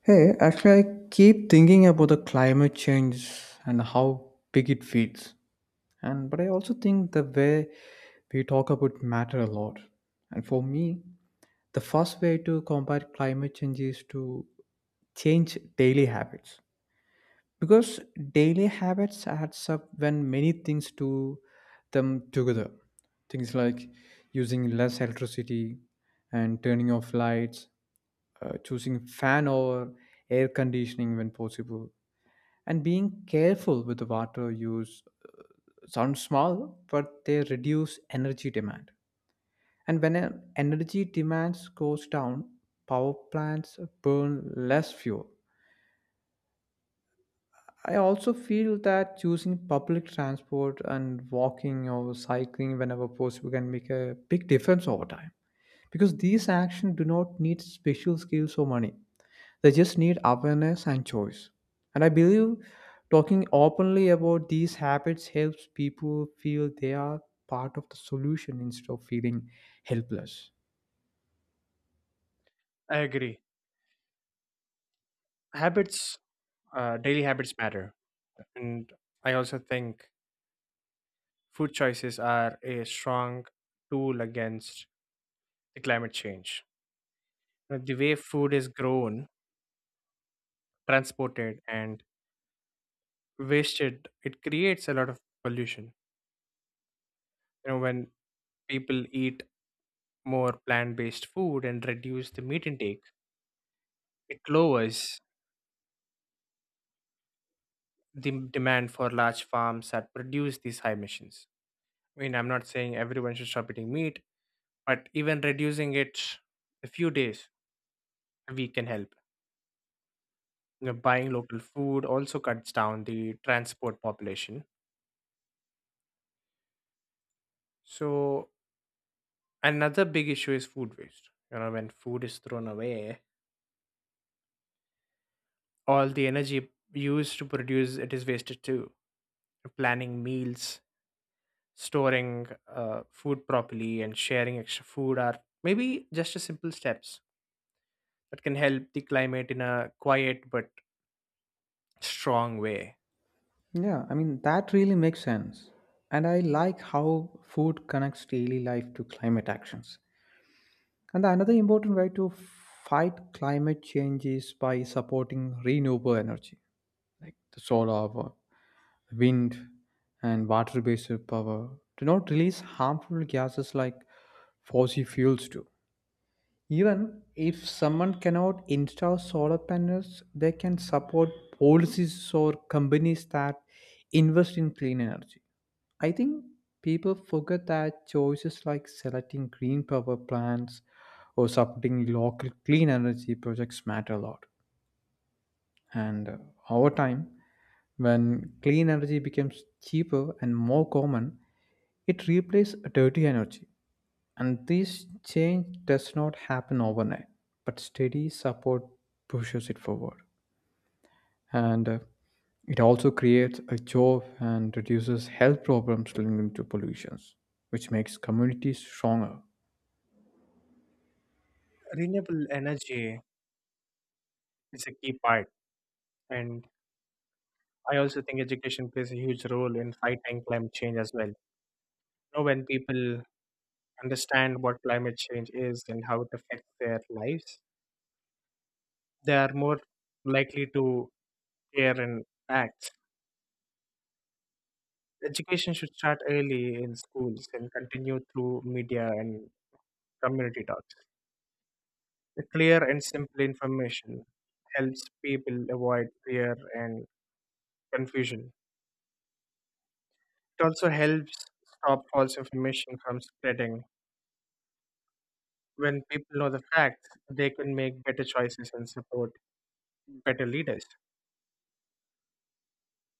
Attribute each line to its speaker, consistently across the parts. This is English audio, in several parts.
Speaker 1: Hey, actually, I keep thinking about the climate change and how big it feels. And but I also think the way we talk about matter a lot. And for me, the first way to combat climate change is to change daily habits because daily habits adds up when many things do them together. Things like using less electricity and turning off lights, choosing fan over air conditioning when possible, and being careful with the water use sound small, but they reduce energy demand. And when energy demands goes down, power plants burn less fuel. I also feel that choosing public transport and walking or cycling whenever possible can make a big difference over time because these actions do not need special skills or money. They just need awareness and choice. And I believe talking openly about these habits helps people feel they are part of the solution instead of feeling helpless.
Speaker 2: I agree. Habits, daily habits matter. And I also think food choices are a strong tool against the climate change. The way food is grown, transported, and wasted, it creates a lot of pollution. You know, when people eat more plant based food and reduce the meat intake, it lowers demand for large farms that produce these high emissions. I mean, I'm not saying everyone should stop eating meat, but even reducing it a few days a week can help. You know, buying local food also cuts down the transport population. So another big issue is food waste. You know, when food is thrown away, all the energy used to produce it is wasted too. Planning meals, storing food properly, and sharing extra food are maybe just a simple steps that can help the climate in a quiet but strong way.
Speaker 1: Yeah, I mean, that really makes sense. And I like how food connects daily life to climate actions. And another important way to fight climate change is by supporting renewable energy, like the solar, power, wind, and water based power do not release harmful gases like fossil fuels do. Even if someone cannot install solar panels, they can support policies or companies that invest in clean energy. I think people forget that choices like selecting green power plants or supporting local clean energy projects matter a lot. And over time, when clean energy becomes cheaper and more common, it replaces dirty energy. And this change does not happen overnight, but steady support pushes it forward. And it also creates a job and reduces health problems linked to pollutions, which makes communities stronger.
Speaker 2: Renewable energy is a key part. And I also think education plays a huge role in fighting climate change as well. You know, when people understand what climate change is and how it affects their lives, they are more likely to care and act. Education should start early in schools and continue through media and community talks. The clear and simple information helps people avoid fear and confusion. It also helps stop false information from spreading when people know the facts, they can make better choices and support better leaders.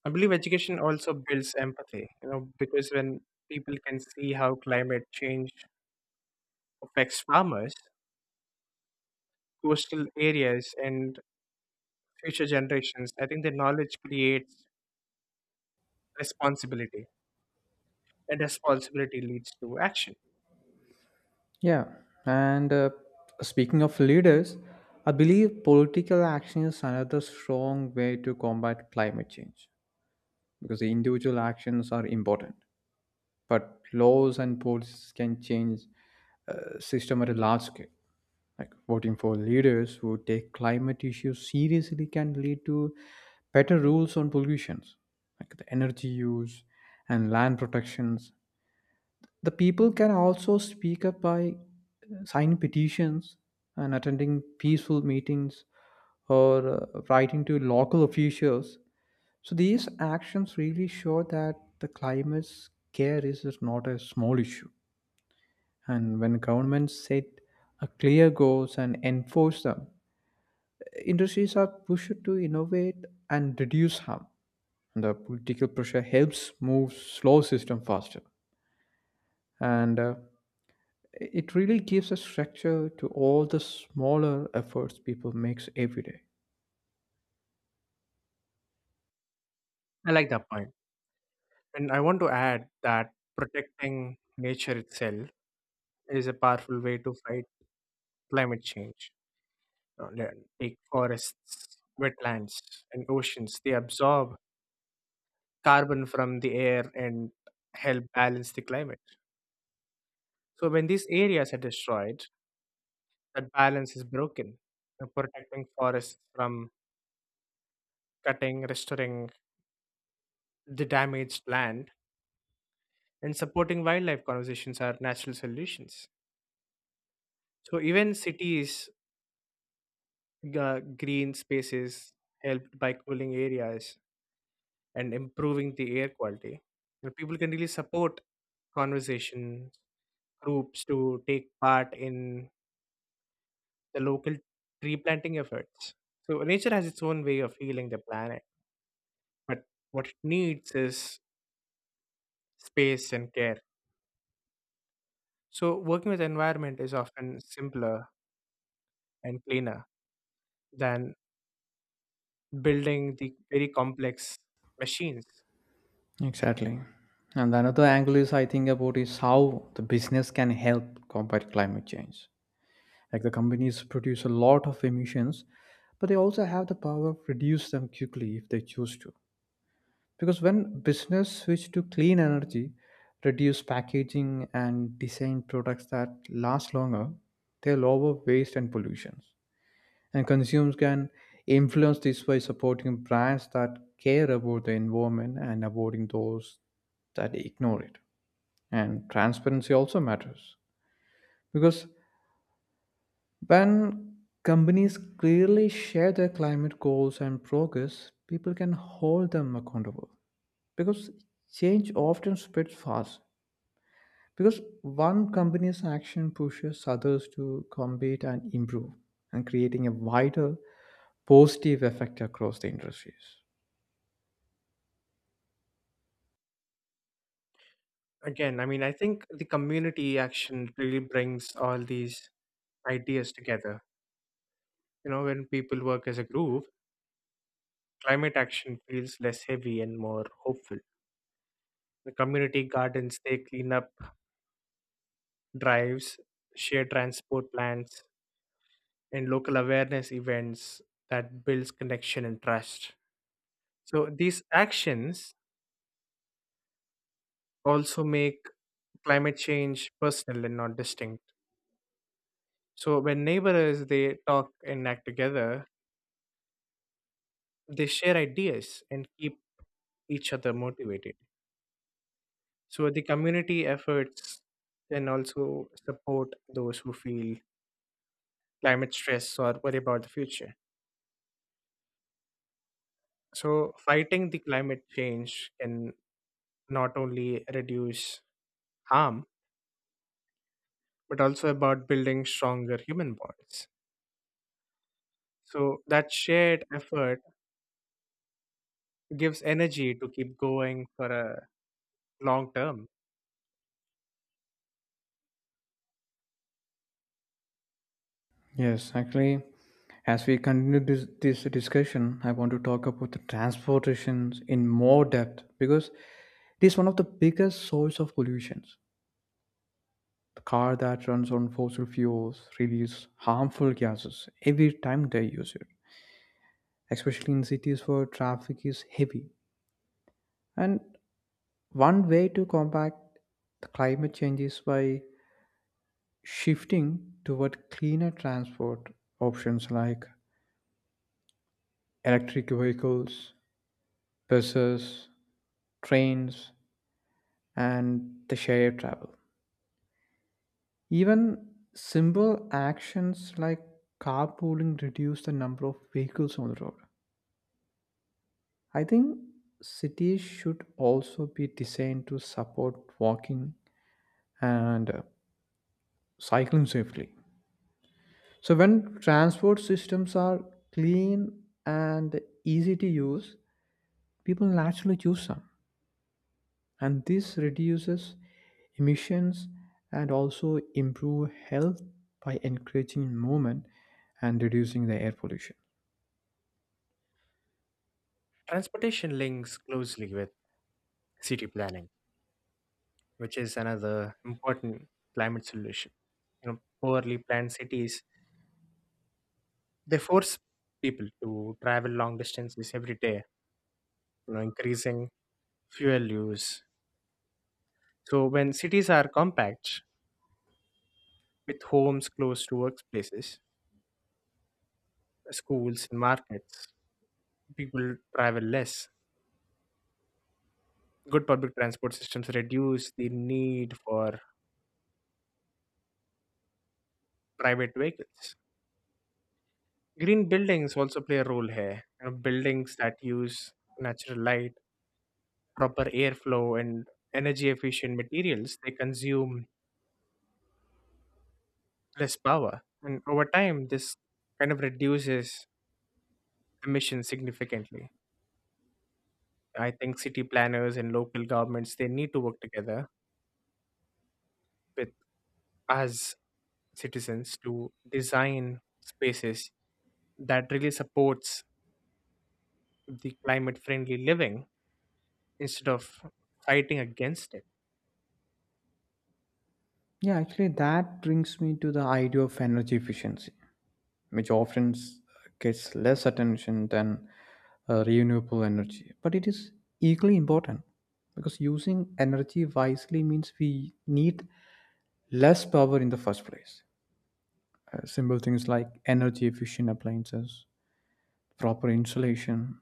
Speaker 2: I believe education also builds empathy, you know, because when people can see how climate change affects farmers, coastal areas, and future generations, I think the knowledge creates responsibility, and responsibility leads to action.
Speaker 1: Yeah, and speaking of leaders, I believe political action is another strong way to combat climate change because the individual actions are important, but laws and policies can change system at a large scale. Like voting for leaders who take climate issues seriously can lead to better rules on pollutions, like the energy use and land protections the people can also speak up by signing petitions and attending peaceful meetings or writing to local officials. So these actions really show that the climate care is not a small issue. And when governments set a clear goals and enforce them, industries are pushed to innovate and reduce harm. And the political pressure helps move slow system faster. And it really gives a structure to all the smaller efforts people makes every day.
Speaker 2: I like that point. And I want to add that protecting nature itself is a powerful way to fight climate change. Uh, le- Take forests, wetlands, and oceans. They absorb carbon from the air and help balance the climate. So, when these areas are destroyed, that balance is broken. Protecting forests from cutting, restoring the damaged land, and supporting wildlife conservations are natural solutions. So, even cities, green spaces helped by cooling areas and improving the air quality. You know, people can really support conversation groups to take part in the local tree planting efforts. So nature has its own way of healing the planet, but what it needs is space and care. So working with the environment is often simpler and cleaner than building the very complex machines.
Speaker 1: Exactly. And another angle is I think about is how the business can help combat climate change. Like the companies produce a lot of emissions, but they also have the power to reduce them quickly if they choose to. Because when business switch to clean energy, reduce packaging and design products that last longer, they lower waste and pollutions. And consumers can influence this by supporting brands that care about the environment and avoiding those that ignore it. And transparency also matters because when companies clearly share their climate goals and progress, people can hold them accountable because change often spreads fast because one company's action pushes others to compete and improve and creating a wider positive effect across the industries.
Speaker 2: Again, I mean, I think the community action really brings all these ideas together. You know, when people work as a group, climate action feels less heavy and more hopeful. The community gardens, they clean up drives, share transport plans, and local awareness events that builds connection and trust. So these actions also make climate change personal and not distinct. So when neighbors they talk and act together, they share ideas and keep each other motivated. So the community efforts can also support those who feel climate stress or worry about the future. So, fighting the climate change can not only reduce harm, but also about building stronger human bonds. So, that shared effort gives energy to keep going for a long term.
Speaker 1: Yes, actually, as we continue this discussion, I want to talk about the transportations in more depth because it is one of the biggest source of pollutions. The car that runs on fossil fuels release harmful gases every time they use it, especially in cities where traffic is heavy. And one way to combat the climate change is by shifting toward cleaner transport options like electric vehicles, buses, trains, and the shared travel. Even simple actions like carpooling reduce the number of vehicles on the road. I think cities should also be designed to support walking and cycling safely. So when transport systems are clean and easy to use, people naturally choose them. And this reduces emissions and also improve health by encouraging movement and reducing the air pollution.
Speaker 2: Transportation links closely with city planning, which is another important climate solution. You know, poorly planned cities, they force people to travel long distances every day, you know, increasing fuel use. So, when cities are compact, with homes close to workplaces, schools, and markets, people travel less. Good public transport systems reduce the need for private vehicles. Green buildings also play a role here. You know, buildings that use natural light, proper airflow, and energy efficient materials, they consume less power. And over time, this kind of reduces emissions significantly. I think city planners and local governments they need to work together with us citizens to design spaces that really supports the climate friendly living instead of fighting against it.
Speaker 1: Yeah, actually that brings me to the idea of energy efficiency, which gets less attention than renewable energy. But it is equally important because using energy wisely means we need less power in the first place. Simple things like energy efficient appliances, proper insulation,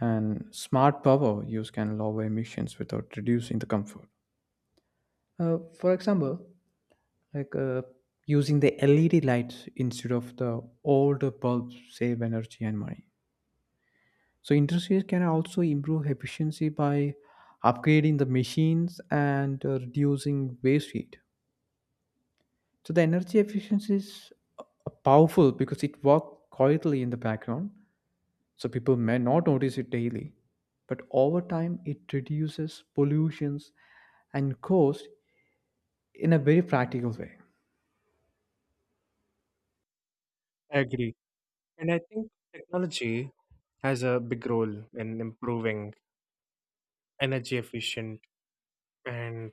Speaker 1: and smart power use can lower emissions without reducing the comfort. For example, like uh, using the LED lights instead of the older bulbs save energy and money. So industries can also improve efficiency by upgrading the machines and reducing waste heat. So the energy efficiency is uh, powerful because it works quietly in the background. So people may not notice it daily, but over time it reduces pollutions and cost in a very practical way.
Speaker 2: I agree. And I think technology has a big role in improving energy efficient and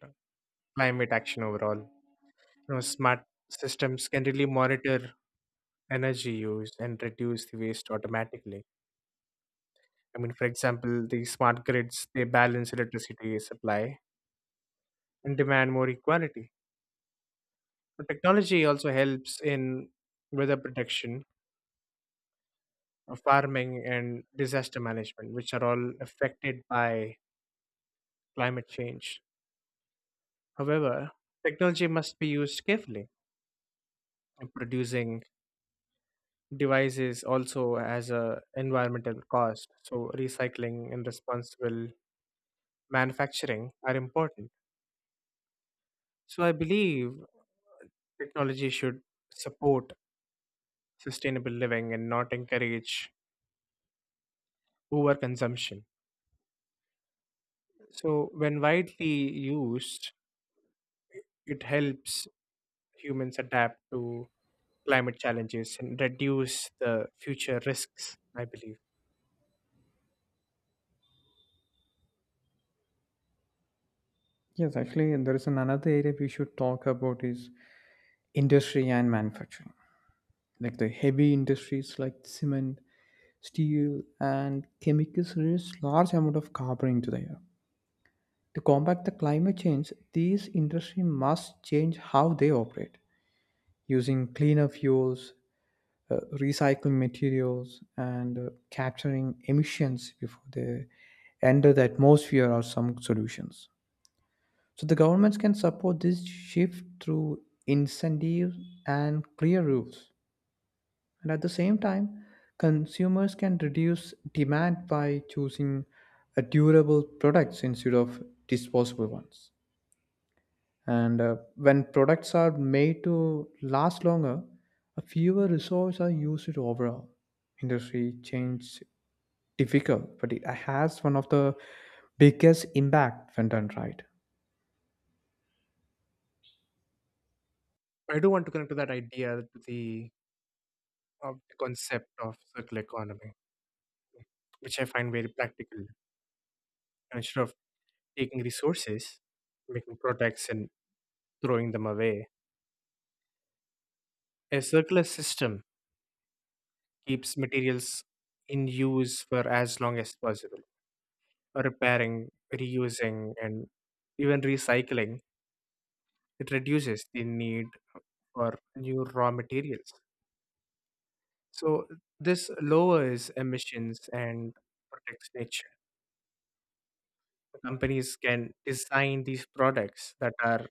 Speaker 2: climate action overall. You know, smart systems can really monitor energy use and reduce the waste automatically. I mean, for example, the smart grids they balance electricity supply and demand more equality. Technology also helps in weather protection, farming, and disaster management, which are all affected by climate change. However, technology must be used carefully. And producing devices also has a environmental cost, so recycling and responsible manufacturing are important. So I believe technology should support sustainable living and not encourage overconsumption. So when widely used, it helps humans adapt to climate challenges and reduce the future risks, I believe.
Speaker 1: Yes, actually, and there is another area we should talk about is industry and manufacturing, like the heavy industries like cement steel and chemicals release large amount of carbon into the air. To combat the climate change, these industries must change how they operate, using cleaner fuels, recycling materials, and capturing emissions before they enter the atmosphere or some solutions. So the governments can support this shift through incentives and clear rules. And at the same time, consumers can reduce demand by choosing durable products instead of disposable ones. And when products are made to last longer, fewer resources are used overall. Industry change difficult, but it has one of the biggest impact when done right.
Speaker 2: I do want to connect to that idea, of the concept of circular economy, which I find very practical. Instead of taking resources, making products, and throwing them away, a circular system keeps materials in use for as long as possible, repairing, reusing, and even recycling it reduces the need for new raw materials. So this lowers emissions and protects nature. Companies can design these products that are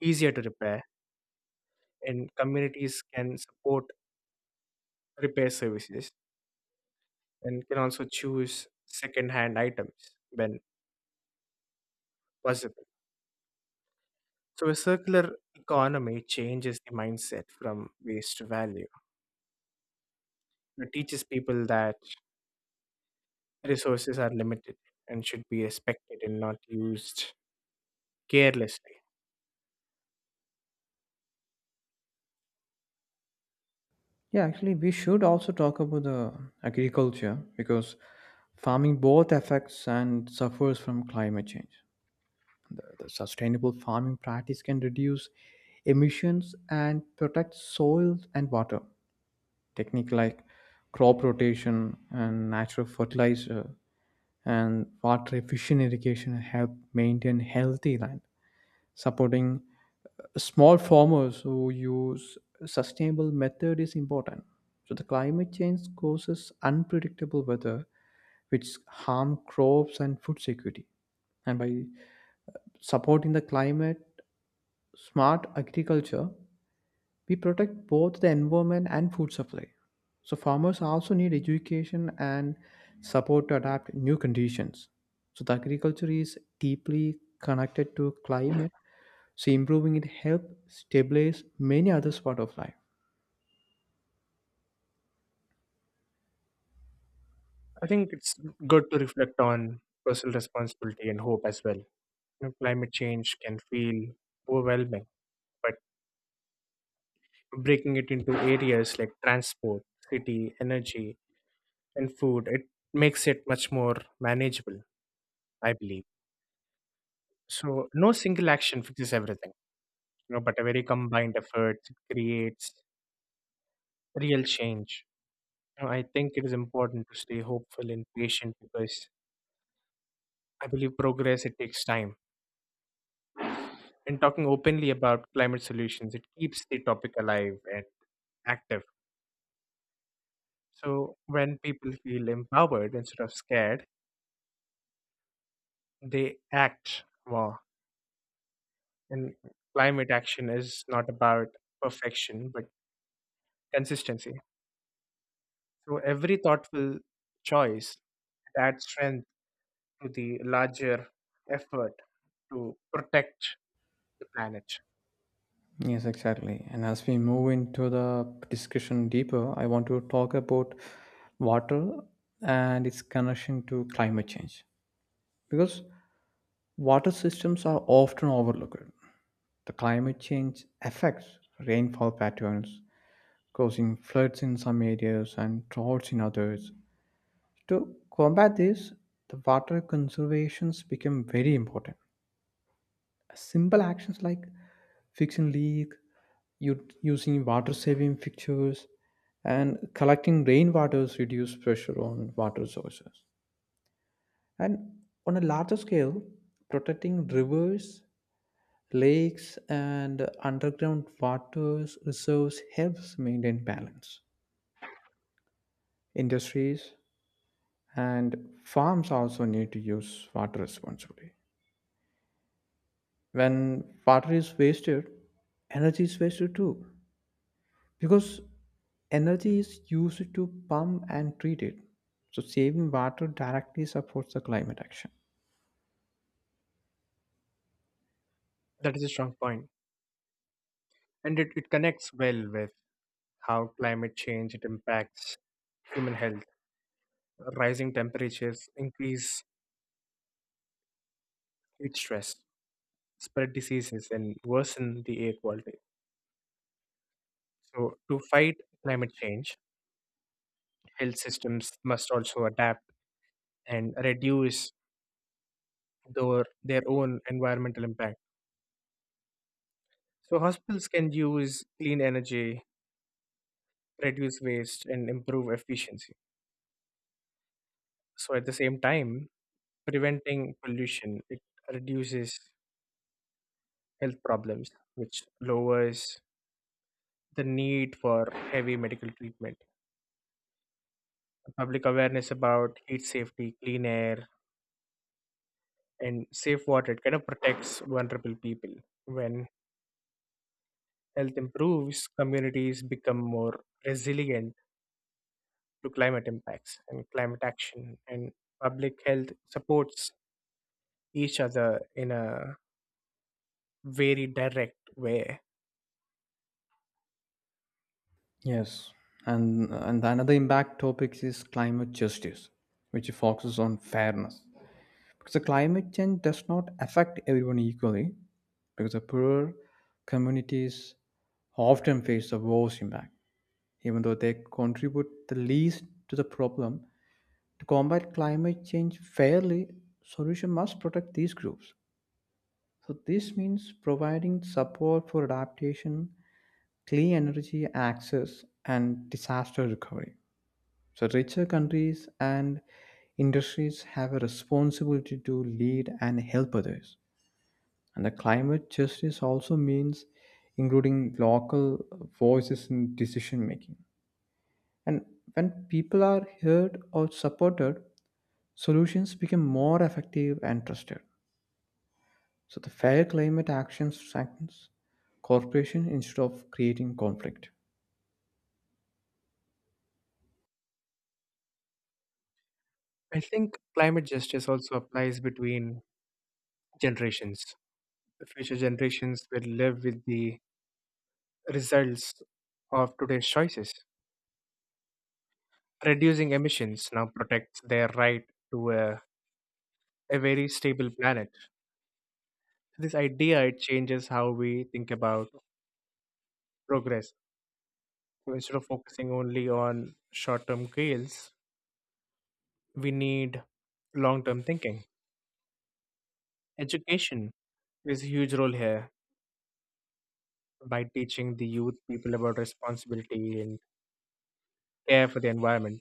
Speaker 2: easier to repair, and communities can support repair services and can also choose second-hand items when possible. So a circular economy changes the mindset from waste to value. It teaches people that resources are limited and should be respected and not used carelessly.
Speaker 1: Yeah, actually, we should also talk about the agriculture because farming both affects and suffers from climate change. The sustainable farming practice can reduce emissions and protect soil and water. Techniques like crop rotation and natural fertilizer and water efficient irrigation help maintain healthy land. Supporting small farmers who use sustainable method is important. So the climate change causes unpredictable weather which harm crops and food security, and by supporting the climate smart agriculture, we protect both the environment and food supply. So farmers also need education and support to adapt new conditions. So the agriculture is deeply connected to climate. So improving it helps stabilize many other part of life.
Speaker 2: I think it's good to reflect on personal responsibility and hope as well. You know, climate change can feel overwhelming, but breaking it into areas like transport, city, energy, and food, it makes it much more manageable, I believe. So, no single action fixes everything, you know, but a very combined effort creates real change. You know, I think it is important to stay hopeful and patient because I believe progress it takes time and talking openly about climate solutions, it keeps the topic alive and active. So when people feel empowered instead of scared, they act more. And climate action is not about perfection, but consistency. So every thoughtful choice adds strength to the larger effort to protect the planet.
Speaker 1: Yes, exactly. And as we move into the discussion deeper, I want to talk about water and its connection to climate change because water systems are often overlooked. The climate change affects rainfall patterns, causing floods in some areas and droughts in others. To combat this, the water conservations become very important. Simple actions like fixing leak, using water saving fixtures, and collecting rainwaters reduce pressure on water sources. And on a larger scale, protecting rivers, lakes and underground water reserves helps maintain balance. Industries and farms also need to use water responsibly. When water is wasted, energy is wasted too, because energy is used to pump and treat it. So saving water directly supports the climate action.
Speaker 2: That is a strong point. And it connects well with how climate change it impacts human health. Rising temperatures increase heat stress, spread diseases, and worsen the air quality. So, to fight climate change, health systems must also adapt and reduce their own environmental impact. So, hospitals can use clean energy, reduce waste, and improve efficiency. So, at the same time, preventing pollution it reduces health problems, which lowers the need for heavy medical treatment. Public awareness about heat safety, clean air, and safe water kind of protects vulnerable people. When health improves, communities become more resilient to climate impacts and climate action, and public health supports each other in a very direct way.
Speaker 1: Yes, and another impact topic is climate justice, which focuses on fairness. So climate change does not affect everyone equally because the poorer communities often face the worst impact, even though they contribute the least to the problem. To combat climate change fairly, solution must protect these groups. So this means providing support for adaptation, clean energy access, and disaster recovery. So richer countries and industries have a responsibility to lead and help others. And the climate justice also means including local voices in decision making. And when people are heard or supported, solutions become more effective and trusted. So the fair climate action strengthens cooperation instead of creating conflict.
Speaker 2: I think climate justice also applies between generations. The future generations will live with the results of today's choices. Reducing emissions now protects their right to a very stable planet. This idea it changes how we think about progress. So instead of focusing only on short-term goals, we need long-term thinking. Education plays a huge role here by teaching the youth people about responsibility and care for the environment.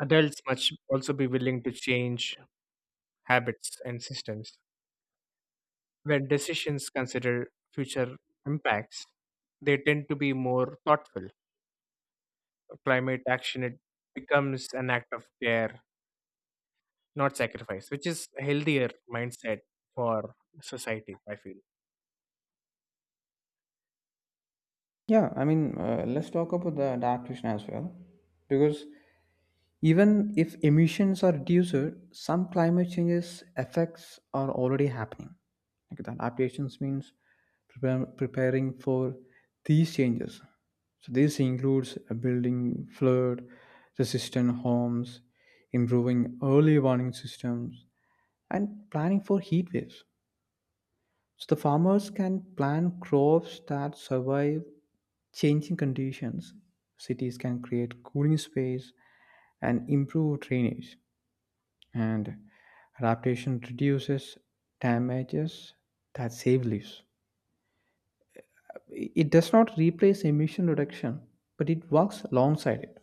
Speaker 2: Adults must also be willing to change habits and systems. When decisions consider future impacts, they tend to be more thoughtful. Climate action it becomes an act of care, not sacrifice, which is a healthier mindset for society, I feel.
Speaker 1: Yeah, I mean, let's talk about the adaptation as well, because even if emissions are reduced, some climate changes effects are already happening. Like the adaptations means preparing for these changes. So this includes building flood resistant homes, improving early warning systems, and planning for heat waves. So the farmers can plant crops that survive changing conditions. Cities can create cooling space and improve drainage, and adaptation reduces damages that save lives. It does not replace emission reduction, but it works alongside it.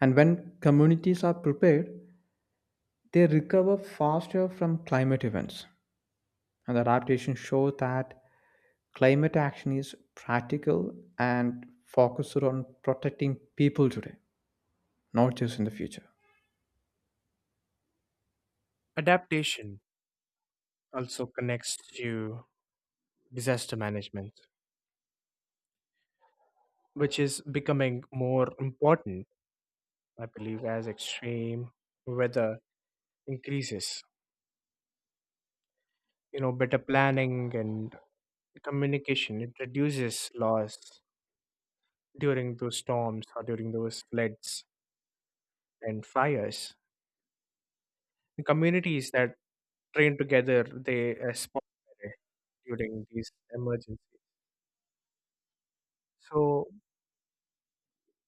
Speaker 1: And when communities are prepared, they recover faster from climate events. And the adaptation shows that climate action is practical and focused on protecting people today, not just in the future.
Speaker 2: Adaptation also connects to disaster management, which is becoming more important, I believe, as extreme weather increases. You know, better planning and communication, it reduces loss during those storms or during those floods and fires. The communities that train together, they respond better during these emergencies. So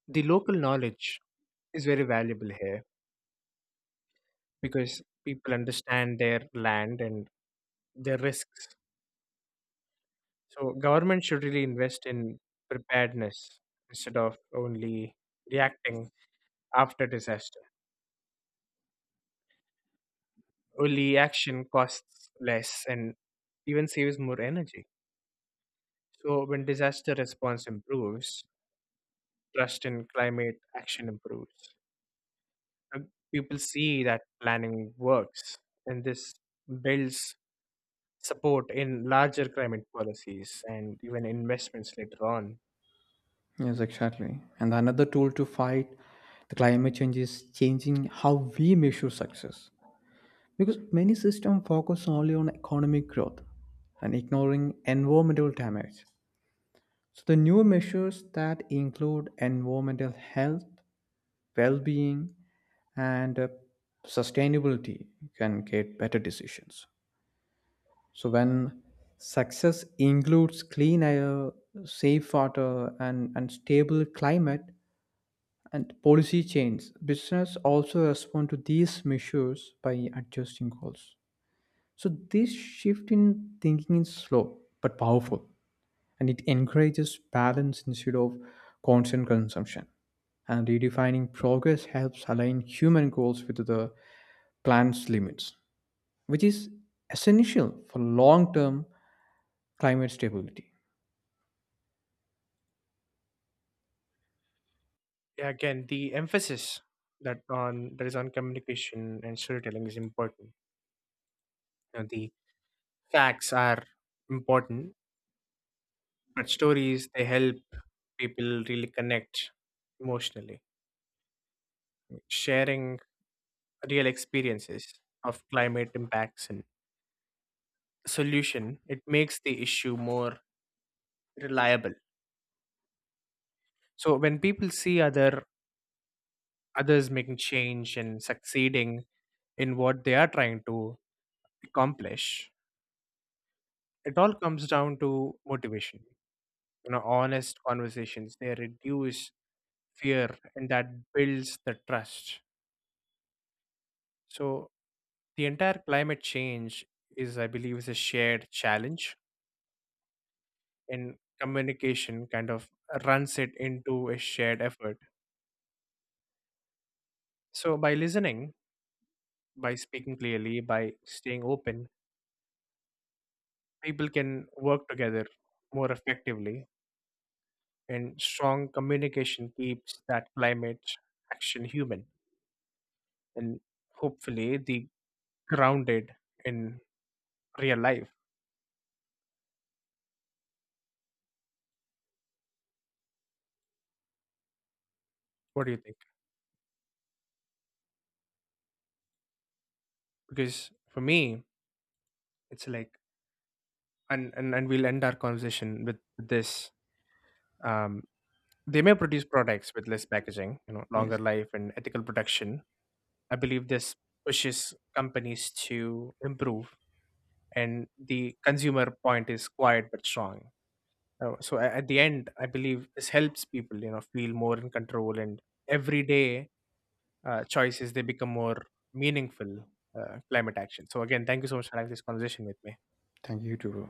Speaker 2: the local knowledge is very valuable here because people understand their land and their risks. So government should really invest in preparedness instead of only reacting after disaster. Only action costs less and even saves more energy. So, when disaster response improves, trust in climate action improves. Uh, People see that planning works, and this builds support in larger climate policies and even investments later on.
Speaker 1: Yes, exactly. And another tool to fight the climate change is changing how we measure success, because many systems focus only on economic growth and ignoring environmental damage. So the new measures that include environmental health, well-being, and sustainability can get better decisions. So when success includes clean air, safe water, and stable climate and policy change, business also respond to these measures by adjusting goals. So this shift in thinking is slow but powerful, and it encourages balance instead of constant consumption. And redefining progress helps align human goals with the planet's limits, which is essential for long-term climate stability.
Speaker 2: Yeah, again, the emphasis that on that is on communication and storytelling is important. You know, the facts are important, but stories they help people really connect emotionally. Sharing real experiences of climate impacts and solution, it makes the issue more reliable. So when people see others making change and succeeding in what they are trying to accomplish, it all comes down to motivation. You know, honest conversations, they reduce fear and that builds the trust. So the entire climate change is, I believe, is a shared challenge in communication kind of runs it into a shared effort. So, by listening, by speaking clearly, by staying open, people can work together more effectively, and strong communication keeps that climate action human and hopefully the grounded in real life. What do you think? Because for me, it's like, and we'll end our conversation with this. Um, They may produce products with less packaging, you know,
Speaker 1: Yes,
Speaker 2: longer life and ethical production. I believe this pushes companies to improve, and the consumer point is quiet but strong. So at the end, I believe this helps people, you know, feel more in control, and everyday choices they become more meaningful. Climate action. So again, thank you so much for having this conversation with me.
Speaker 1: thank you too, bro.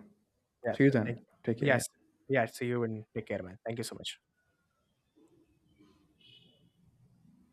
Speaker 2: Yes,
Speaker 1: See you
Speaker 2: thank
Speaker 1: then. Take
Speaker 2: you.
Speaker 1: care.
Speaker 2: Yes,
Speaker 1: Yeah.
Speaker 2: yeah. See you and take care, man. Thank you so much.